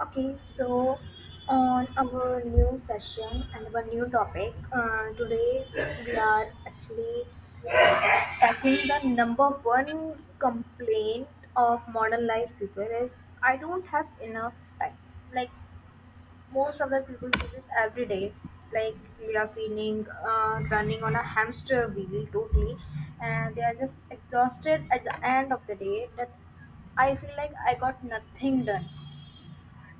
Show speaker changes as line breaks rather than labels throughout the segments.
Okay, so on our new session and our new topic, today we are actually tackling the number one complaint of modern life people is I don't have enough time. Like most of the people do this every day. Like we are feeling running on a hamster wheel totally, and they are just exhausted at the end of the day that I feel like I got nothing done,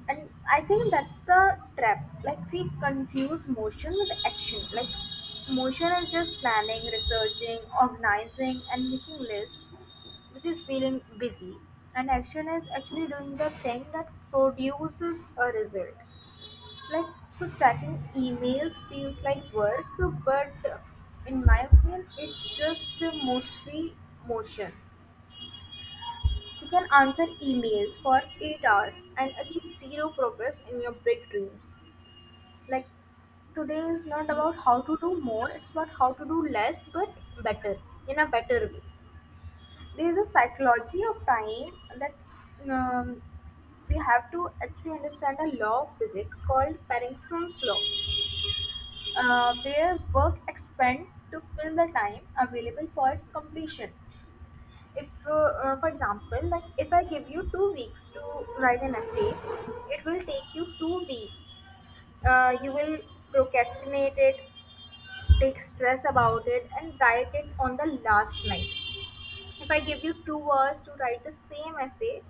and I think that's the trap. Like we confuse motion with action. Like motion is just planning, researching, organizing and making list, which is feeling busy, and action is actually doing the thing that produces a result. Like so checking emails feels like work, but in my opinion it's just mostly motion. You can answer emails for 8 hours and achieve zero progress in your big dreams. Like today is not
Yeah,
about how to do more, it's about how to do less but better, in a better way. There is a psychology of time that, um, we have to actually understand a law of physics called Parkinson's law, where work expand to fill the time available for its completion. If for example, like if I give you 2 weeks to write an essay, it will take you 2 weeks. You will procrastinate it, take stress about it and write it on the last night. If I give you 2 hours to write the same essay,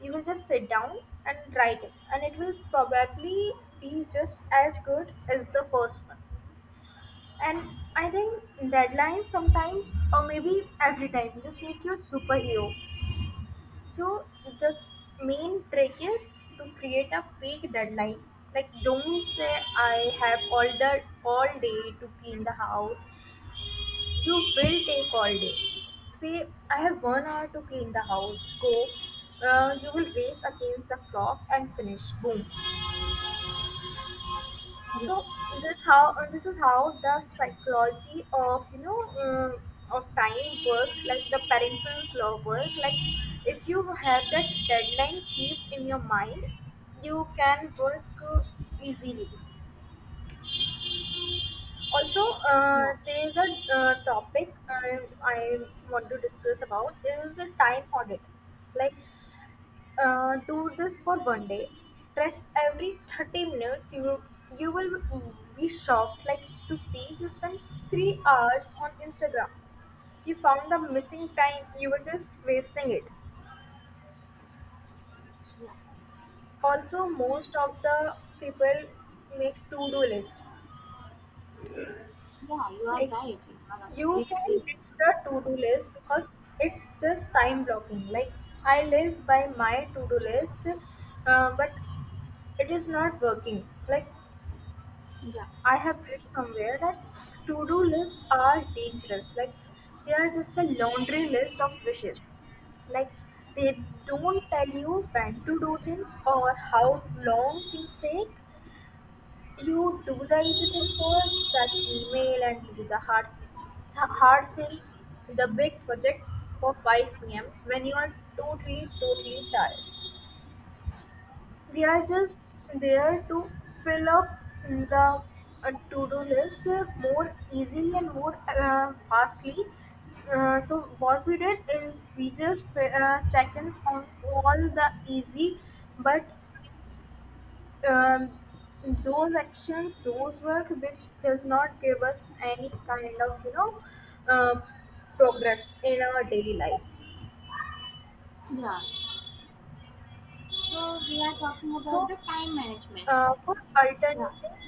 you will just sit down and write it, and it will probably be just as good as the first one. And I think deadlines sometimes, or maybe every time, just make you a superhero. So the main trick is to create a fake deadline. Like don't say I have all day to clean the house. You will take all day. Say, I have 1 hour to clean the house. Go. You will race against the clock and finish. Boom.
yeah,
So this is how the psychology of of time works. Like the Parkinson's law work. Like if you have that deadline keep in your mind, you can work uh, easily. Also,
yeah,
there's a topic I want to discuss about is a time audit. Like do this for one day, track every 30 minutes. You will be shocked, like, to see you spent 3 hours on instagram. You found the missing time you were just wasting it.
yeah, yeah.
Also most of the people make to-do list.
You are
Like
right. You are
you can
absolutely right.
ditch the to-do list because it's just time blocking. Like I live by my to-do list, but it is not working. Like
Yeah,
I have read somewhere that to-do lists are dangerous. Like they are just a laundry list of wishes. Like they don't tell you when to do things or how long things take. You do the easy thing first, check email and do the hard things, the big projects for 5 p.m. when you are totally, totally tired. We are just there to fill up the to-do list more easily and more fastly. So what we did is we just check-ins on all the easy, but um, those actions, those work which does not give us any kind of um progress in our daily life.
yeah. So we are talking about
So
the time management.
for
Yeah,
alternative,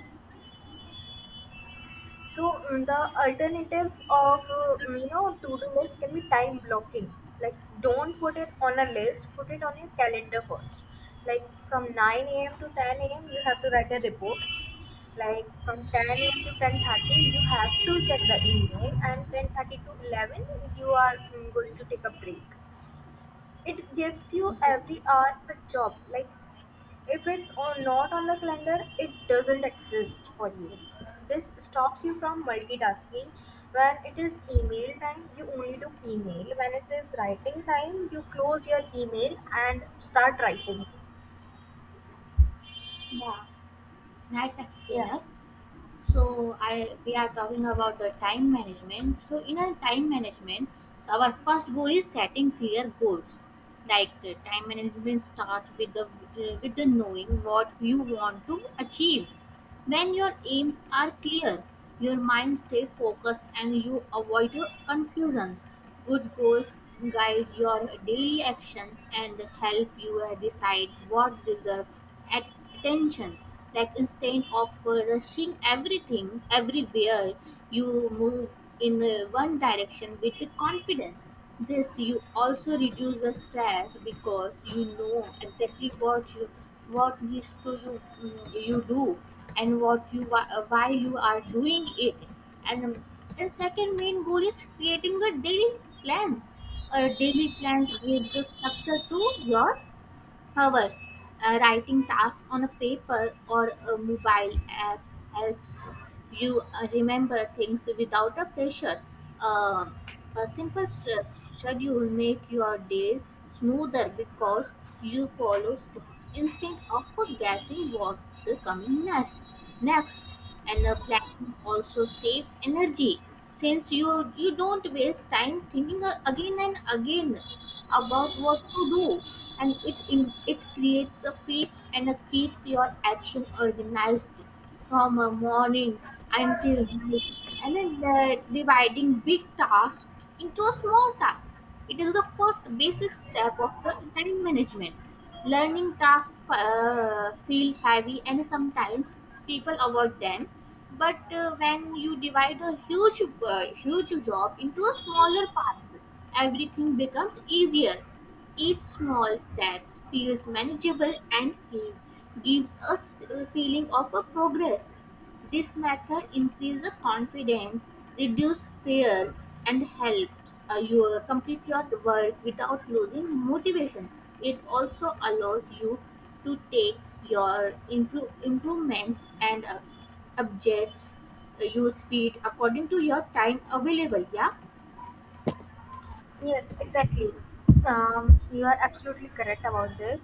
so the alternative of to do list can be time blocking. Like don't put it on a list, put it on your calendar first. Like from 9 a.m. to 10 a.m. you have to write a report, like from 10 to 10:30 you have to check the email, and 10:30 to 11 you are going to take a break. It gives you
yeah,
every hour a job. Like if it's not on the calendar, it doesn't exist for you. This stops you from multitasking. When it is email time you only do email, when it is writing time you close your email and start writing.
yeah. Nice
Yeah.
explainer. So I we are talking about the time management. So in our time management, so our first goal is setting clear goals. Like the time management start with the knowing what you want to achieve. When your aims are clear, your mind stays focused and you avoid confusions. Good goals guide your daily actions and help you decide what deserves attention. Like instead of rushing everything everywhere, you move in one direction with confidence. This you also reduce the stress because you know exactly what needs to you do and what you why you are doing it. And the second main goal is creating a daily plans. A daily plans gives a structure to your hours. Writing tasks on a paper or a mobile apps helps you remember things without a pressures. Um, a simple schedule make your days smoother because you follow steps instead of guessing what will coming next. Next, and planning also save energy since you don't waste time thinking again and again about what to do, and it creates a pace and it keeps your action organized from a morning until night. And then the dividing big tasks into a small task, it is the first basic step of the time management. Learning tasks feel heavy and sometimes people avoid them, but when you divide a huge job into a smaller parts, everything becomes easier. Each small step feels manageable and clean, gives us a feeling of a progress. This method increases confidence, reduces fear, and helps you complete your work without losing motivation. It also allows you to take your improvements and objects you speed according to your time available. Yeah,
Yes, exactly. You are absolutely correct about this,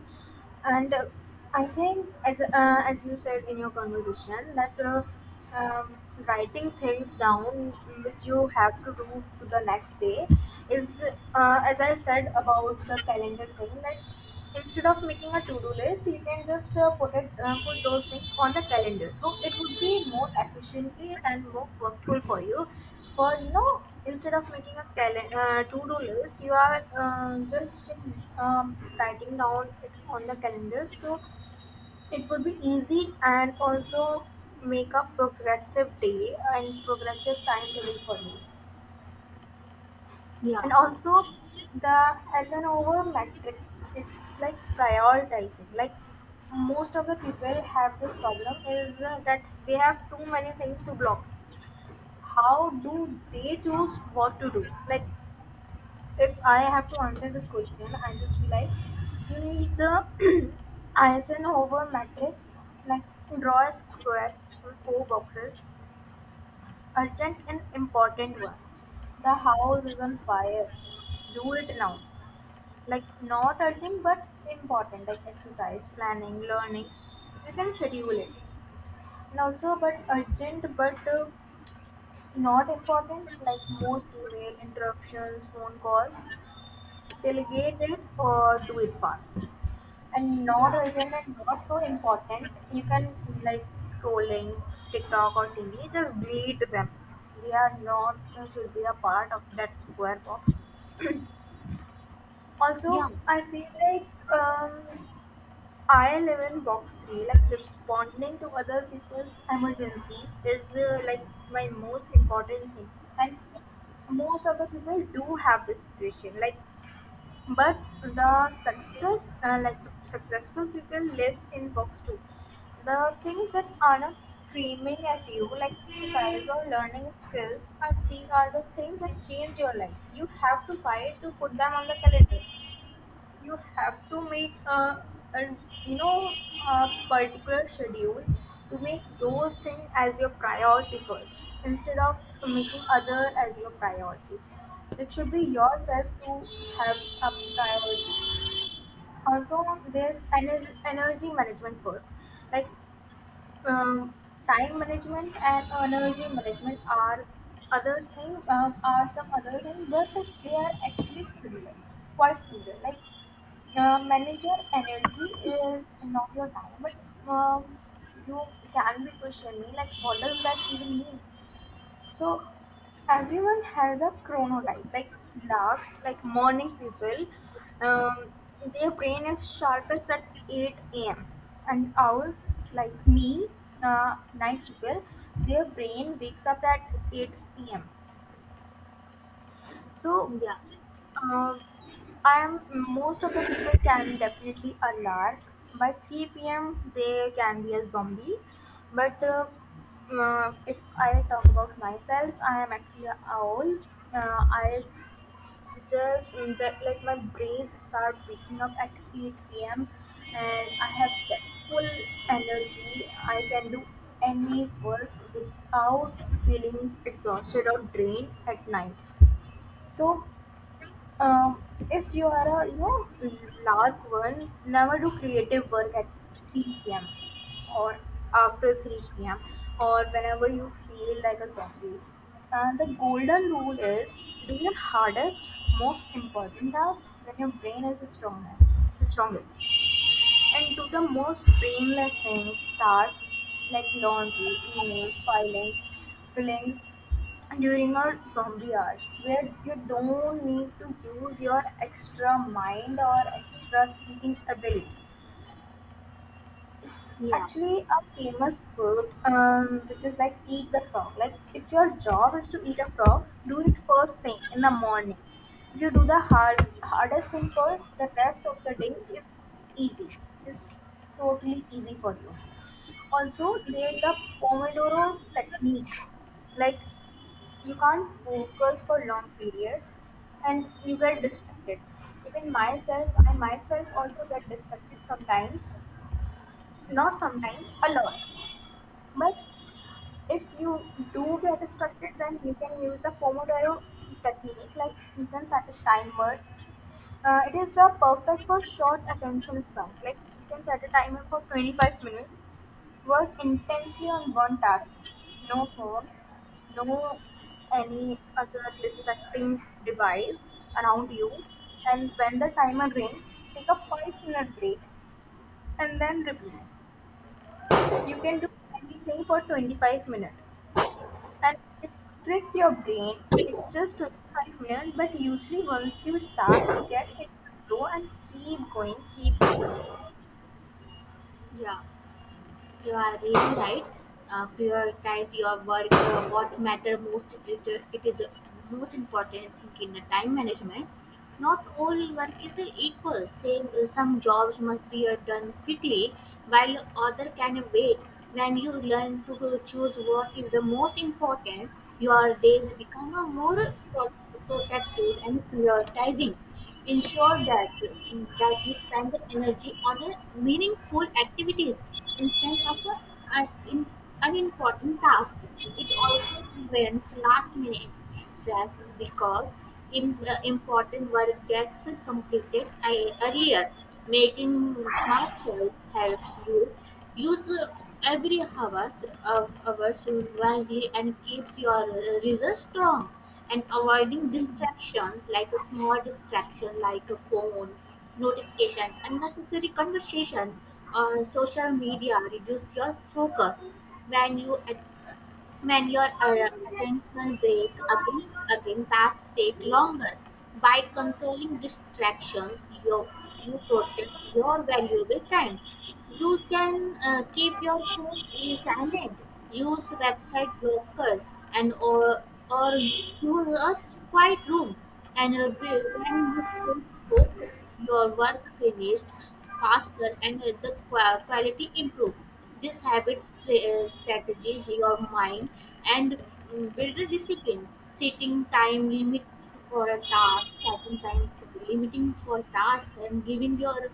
and I think as you said in your conversation that, um, writing things down which you have to do to the next day is, as I said about the calendar thing, that instead of making a to-do list you can just put those things on the calendar, so it would be more efficiently and more workful for you. For you know, instead of making a to-do list, you are just writing down it on the calendar, so it would be easy, and also make a progressive day and progressive timetable for you.
yeah,
And also the Hasanover matrix, it's like prioritizing. Like most of the people have this problem is that they have too many things to block. How do they choose what to do? Like if I have to answer this question, I just be like you need the Eisenhower matrix. Like draw a square with four boxes. Urgent and important one, the house is on fire, do it now. Like not urgent but important, like exercise, planning, learning, you can schedule it. And also, but urgent but not important, like most email interruptions, phone calls, delegate it or do it fast. And not urgent and not so important, you can, like scrolling tiktok or tv, just delete them. They are not should be a part of that square box. Also
yeah,
I
yeah,
feel like um, I live in box three. Like responding to other people's emergencies is, like, my most important thing, and most of the people do have this situation. Like, but the success, like the successful people, live in box two. The things that are not screaming at you, like exercise or learning skills, are the things that change your life. You have to fight to put them on the calendar. You have to make a, a you know, a particular schedule to make those things as your priority first, instead of making other as your priority. It should be yourself to have a priority. Also there's energy management first. Like um, time management and energy management are other thing, are some other thing, but they are actually similar, quite similar. Like manage your energy is not your time, but um, you can be pushing me, like what does that even mean. So everyone has a chronotype. Like larks, like morning people, um, their brain is sharpest at 8 a.m, and owls like me, night people, their brain wakes up at 8 p.m. So
yeah,
um, I am, most of the people can definitely a lark. By 3 p.m. they can be a zombie. But if I talk about myself, I am actually a owl. I just that, like my brain start waking up at 8 p.m. and I have that full energy. I can do any work without feeling exhausted or drained at night. So um, if you are a you know lark one, never do creative work at 3 p.m. or after 3 p.m. or whenever you feel like a zombie. And the golden rule is do your hardest, most important task when your brain is strongest, and do the most brainless tasks, like laundry, emails, filing, filling, during our zombie hours, where you don't need to use your extra mind or extra thinking ability. It's
yeah,
actually a famous quote, which is like "eat the frog." Like if your job is to eat a frog, do it first thing in the morning. If you do the hardest thing first, the rest of the day is easy. It's totally easy for you. Also, there's the Pomodoro technique. Like you can't focus for long periods, and you get distracted. Even myself, I myself also get distracted sometimes, not sometimes, a lot. But if you do get distracted, then you can use the Pomodoro technique. Like you can set a timer. It is perfect for short attention spans. Like you can set a timer for 25 minutes. Work intensely on one task. No phone, no any other distracting device around you. And when the timer rings, take a 5 minute break and then repeat. You can do anything for 25 minutes. And it's trick your brain. It's just 25 minutes, but usually once you start, you get into the flow, and keep going, keep going.
yeah. You are really right. Prioritize your work. What matter most? It is most important thing in the time management. Not all work is equal. Some jobs must be done quickly, while other can wait. When you learn to choose what is the most important, your days become more protective and prioritizing. Ensure that you spend the energy on a meaningful activities instead of un- in- unimportant task. It also prevents last-minute stress because important work gets completed earlier. Making smart choice helps you use every hours of hours wisely and keeps your results strong. And avoiding distractions, like a small distraction like a phone notification, unnecessary conversation or social media, reduce your focus. When you at- when your attention break, again tasks take longer. By controlling distractions, you you protect your valuable time. You can keep your phone in silent, use website blocker, and or use a quiet room. And when you stay focused, your work finished faster and the quality improve. This habit strategy your mind and build a discipline. Setting time limit for a task, setting time for limiting for task, and giving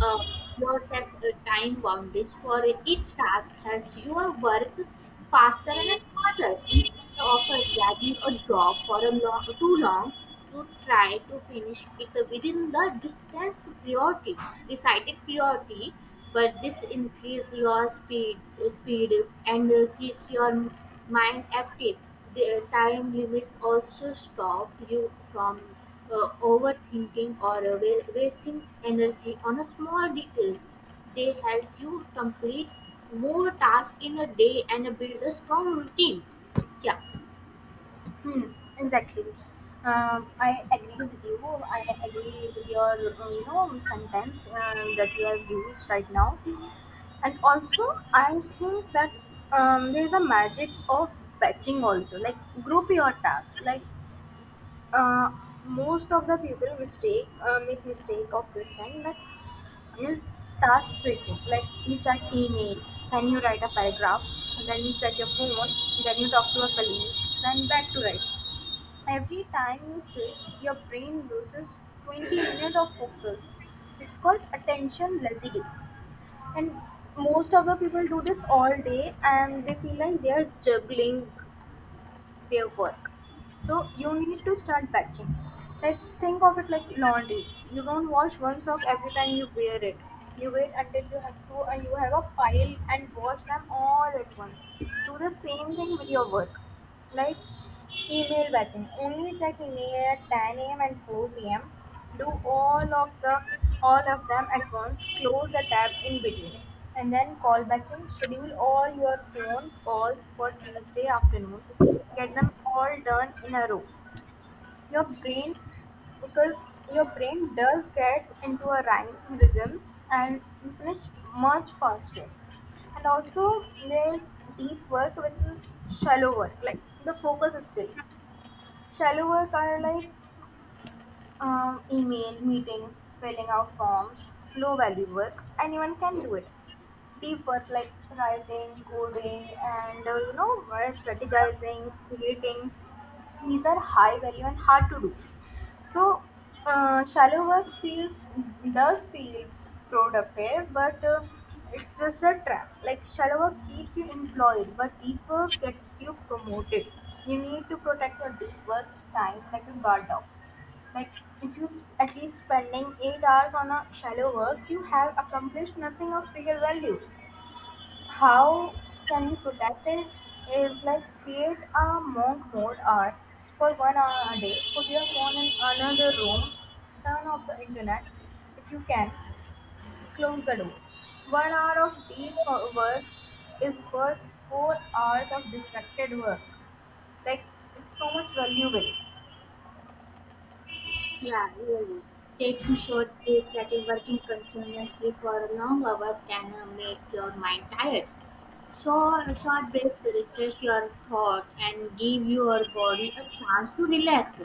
uh, yourself time boundaries for each task helps your work faster and smarter. Instead of dragging a job for too long, you try to finish it within the decided priority. But this increase your speed and keeps your mind active. The time limits also stop you from overthinking or wasting energy on a small details. They help you complete more tasks in a day and build a strong routine. Yeah.
Hmm, exactly. I agree with you. I agree with your, sentence that you have used right now. And also, I think that there is a magic of batching also. Like group your tasks. Like uh, most of the people mistake make mistake of this thing that means task switching. Like you check email, then you write a paragraph, then you check your phone, then you talk to a colleague, then back to write. Every time you switch, your brain loses 20 minutes of focus. It's called attention lazy, and most of the people do this all day and they feel like they are juggling their work. So you need to start batching. Like think of it like laundry. You don't wash one sock every time you wear it. You wait until you have to you have a pile and wash them all at once. Do the same thing with your work. Like email batching: only check email at 10 a.m. and four pm. Do all of them at once. Close the tab in between. And then call batching. Schedule all your phone calls for Tuesday afternoon. Get them all done in a row. Your brain because your brain does get into a rhyme rhythm and you finish much faster. And also there's deep work versus shallow work. Like the focus skill. Shallow work are like email, meetings, filling out forms, low value work. Anyone can do it. Deep work like writing, coding, and strategizing, creating. These are high value and hard to do. So, shallow work feels does feel productive, but it's just a trap. Like shallow work keeps you employed, but deep work gets you promoted. You need to protect your deep work time like a guard dog. Like if at least spending 8 hours on a shallow work, you have accomplished nothing of real value. How can we protect it is like create a monk mode art for 1 hour a day. Put your phone in another room, turn off the internet if you can, close the door. 1 hour of deep work is worth 4 hours of distracted work. Like it's so much valuable.
Yeah, really. Taking short breaks, that is working continuously for long hours can make your mind tired. Short breaks refresh your thought and give your body a chance to relax.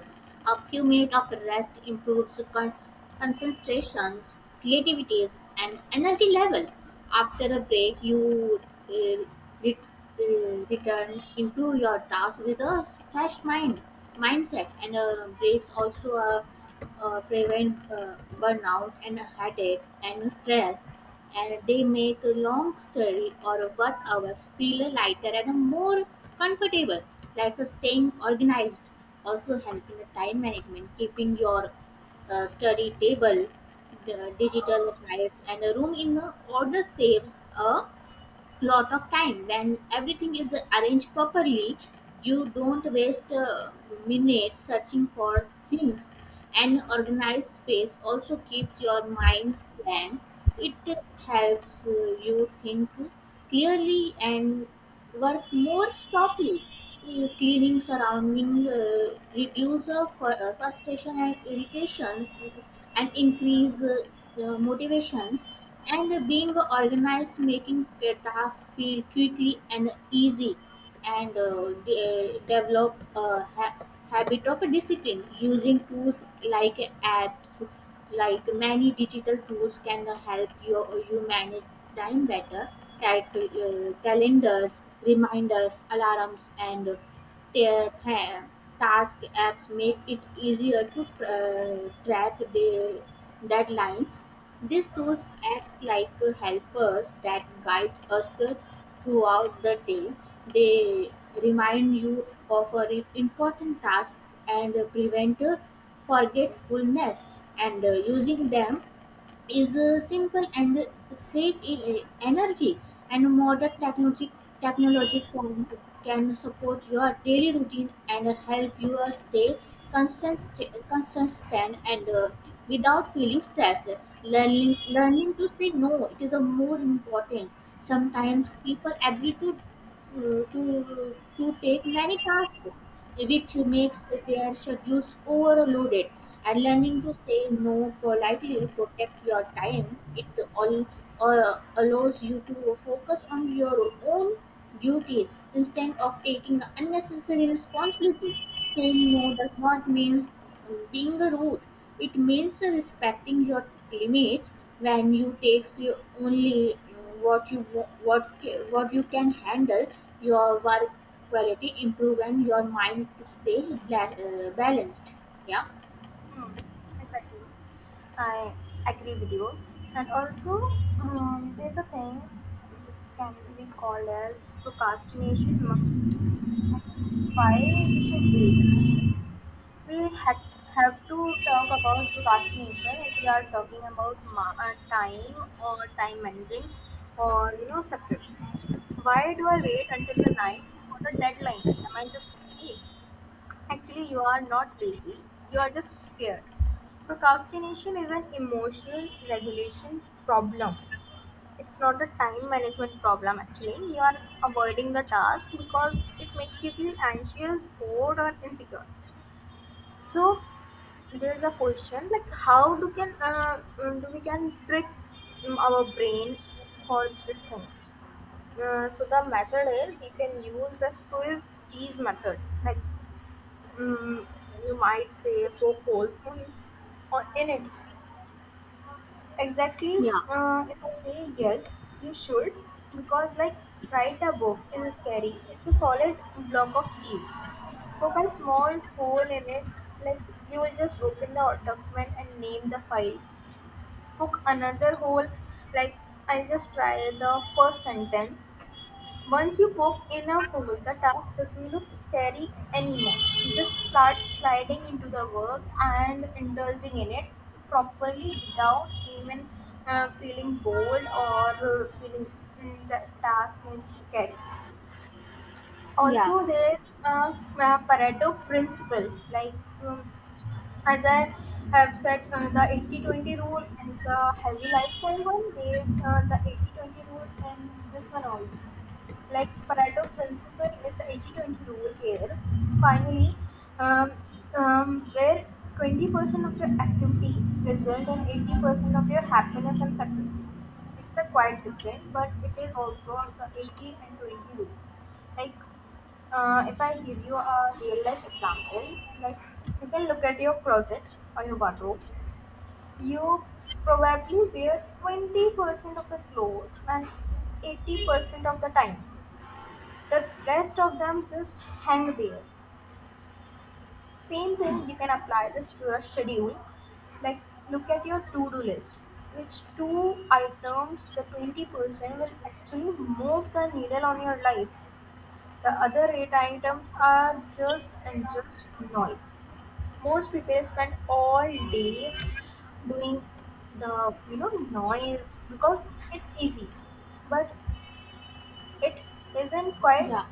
A few minutes of rest improves concentrations, creativities, and energy level. After a break, you uh, re- returned into your task with a fresh mindset, and breaks also prevent burnout and headache and stress, and they make a long study or a work hours feel lighter and more comfortable. Like staying organized also helping the time management, keeping your study table, the digital files and a room in the order saves a lot of time. When everything is arranged properly, you don't waste minutes searching for things. An organized space also keeps your mind blank. It helps you think clearly and work more softly. Cleaning surrounding reduce frustration and irritation, and increase motivations. And being organized making the task feel quickly and easy, and develop a ha- habit of discipline. Using tools like apps, like many digital tools can help you manage time better. Calendars, reminders, alarms and ta- ta- task apps make it easier to track the deadlines. These tools act like helpers that guide us throughout the day. They remind you of a important task and prevent forgetfulness, and using them is simple and save energy. And modern technology can support your daily routine and help you stay consistent and without feeling stress. Learning to say no, it is a more important. Sometimes people agree to take many tasks, which makes their schedules overloaded. And learning to say no politely, protect your time. It all uh, allows you to focus on your own duties instead of taking unnecessary responsibility. Saying no does not mean being rude. It means respecting your limits. When you take your only what you wa- what ca- what you can handle, your work quality improve and your mind stay balanced. Yeah,
Hmm, exactly. I agree with you. And also, there's a thing which can be called as procrastination monkey. Why we should wait? We have to talk about procrastination if we are talking about time or time managing or you know success. Why do I wait until the night for the deadline? Am I just lazy? Actually, you are not lazy, you are just scared. Procrastination is an emotional regulation problem. It's not a time management problem, actually. You are avoiding the task because it makes you feel anxious, bored, or insecure. So there's a question like how do can mm, do we can trick our brain for this thing? So the method is you can use the Swiss cheese method. Like mm, you might say footholds in it. Exactly.
yeah,
If I say yes, you should, because like write a book is scary. It's a solid block of cheese. Poke a small hole in it, like you will just open the document and name the file. Poke another hole, like I'll just try the first sentence. Once you poke enough wood, the task doesn't look scary anymore. You just start sliding into the work and indulging in it properly without even feeling bored or feeling the task is scary.
yeah,
Also, there is a Pareto principle like um, as I have said, the 80-20 rule and the healthy lifestyle one, there's the 80-20 rule and this one also. Like Pareto principle is the 80-20 rule here. Finally, um, where 20% of your activity result in 80% of your happiness and success. It's a quite different, but it is also the 80 and 20 rule. Like if I give you a real life example, like you can look at your closet or your wardrobe. You probably wear 20% of your clothes and 80% of the time. The rest of them just hang there. Same thing, you can apply this to your schedule. Like look at your to-do list. Which two items, the 20%, will actually move the needle on your life? The other eight items are just and just noise. Most people spend all day doing the you know noise because it's easy, but it isn't quite
yeah.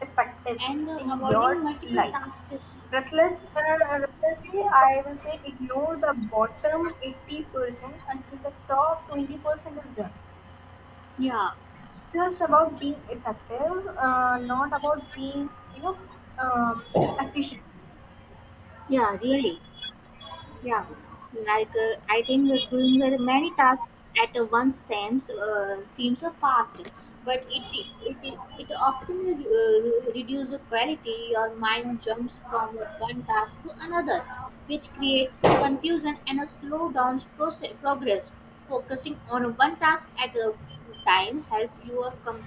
effective
And
in your
avoiding multiple
life.
tasks
Recklessly, I will say ignore the bottom 80% until the top 20% is done.
yeah,
Just about being effective, not about being, you know, um, efficient.
yeah, really. Yeah, like I think that doing the many tasks at once seems a fast, but it often reduces the quality. Your mind jumps from one task to another, which creates confusion and a slow down progress. Focusing on one task at a time help you accomplish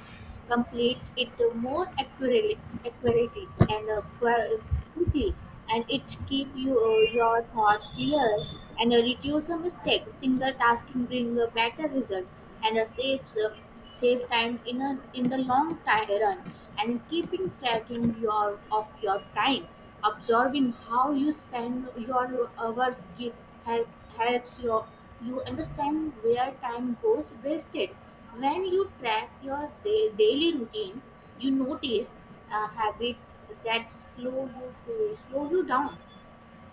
complete it more accurately and quickly, and it keep your thought clear and reduce the mistake. Single tasking bring a better result and saves save time in a in the long time run. And keeping tracking your of your time, observing how you spend your hours keep, help, helps your, you understand where time goes wasted. When you track your daily routine, you notice habits that slow you down.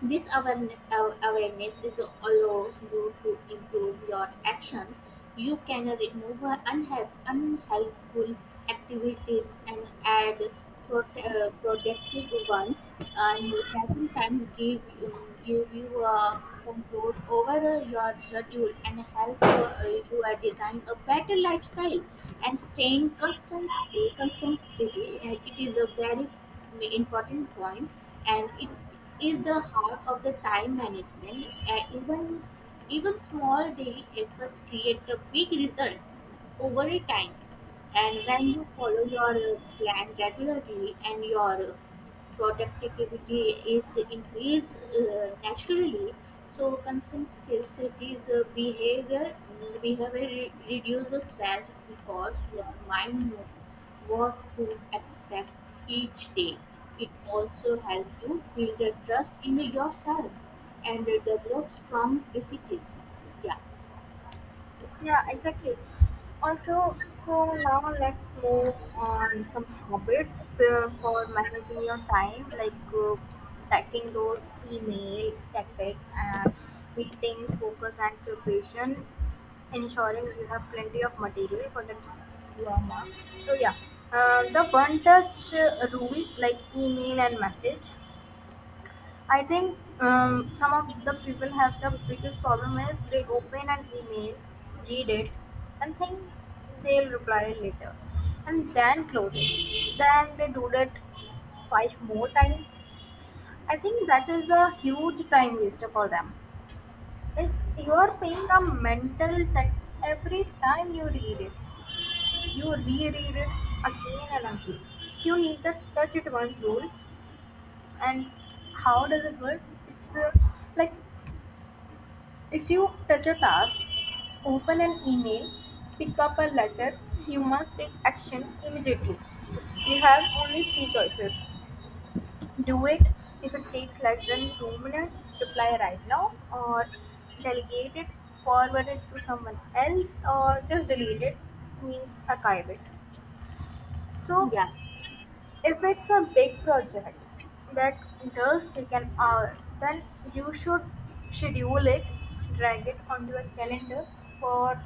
This awareness is allows you to improve your actions. You can remove unhelpful activities and add productive ones, and that sometimes give you control over your schedule and help you design a better lifestyle. And staying constant, it is a very important point, and it is the heart of the time management. Even small daily efforts create a big result over a time. And when you follow your plan regularly and your productivity is increased naturally. So consistency's behavior reduces stress because your mind knows what to expect each day. It also helps you build a trust in yourself and develop strong discipline. Yeah,
Yeah, exactly. Also, so now let's move on some habits for managing your time, like tackling those email tactics and meeting focus and preparation, ensuring you have plenty of material for the drama. So yeah, the one touch rule, like email and message, I think some of the people have the biggest problem is they open an email, read it, and think they'll reply later, and then close it. Then they do that five more times. I think that is a huge time waster for them. If you are paying a mental tax every time you read it, you reread it again and again. You need to touch it once rule, and how does it work? It's like if you touch a task, open an email, pick up a letter, you must take action immediately. You have only three choices. Do it if it takes less than 2 minutes, reply right now, or delegate it, forward it to someone else, or just delete it, means archive it. So,
yeah,
if it's a big project that does take an hour, then you should schedule it, drag it onto a calendar. For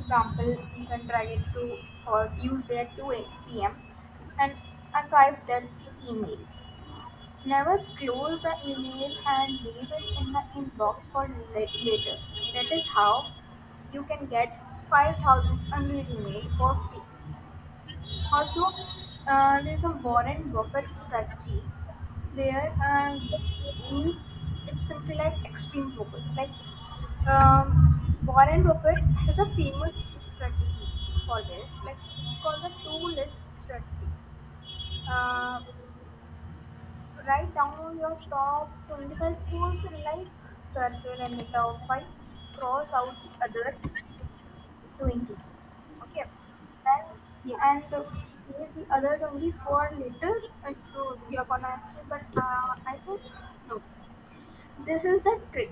example, you can try it to for Tuesday at 2 p.m. and archive that email. Never close the email and leave it in the inbox for later. That is how you can get 5,000 unread email for free. Also, there's a Warren Buffett strategy there means it's simply like extreme focus. Like Warren Buffett has a famous strategy for this. Like it's called the two list strategy. Uh, write down your top 25 goals in life, circle and the top five, cross out the other, 20. Okay, and
yeah,
and save the other 20 for later. So you're gonna ask me, but I think no, this is the trick.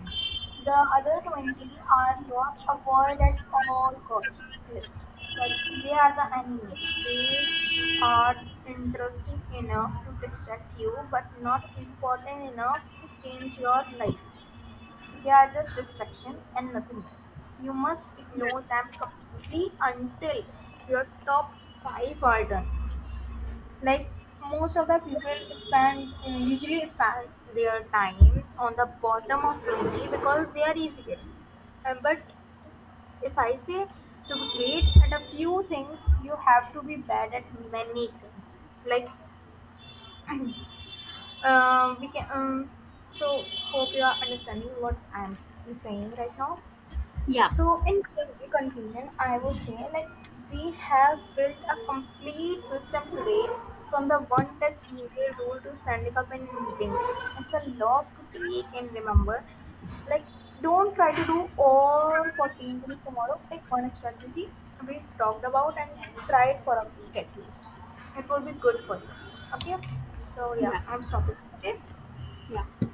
The other 20 are your avoid at all cost list. Like they are the enemies. They are interesting enough to distract you but not important enough to change your life. They are just distraction and nothing else. You must
yeah,
ignore them completely until your top five are done. Like most of the people spend their time on the bottom of 20 because they are easier. But if I say to be great at a few things, you have to be bad at many things. Like we can so hope you are understanding what I am saying right now.
yeah,
So, in conclusion, I would say like we have built a complete system today from the one touch email rule to standing up in meetings. It's a lot to take and remember. Like, don't try to do all 14 things tomorrow. Pick one strategy we talked about and try it for a week at least. It will be good for you. Okay? So, yeah,
yeah,
I'm stopping. Okay?
yeah.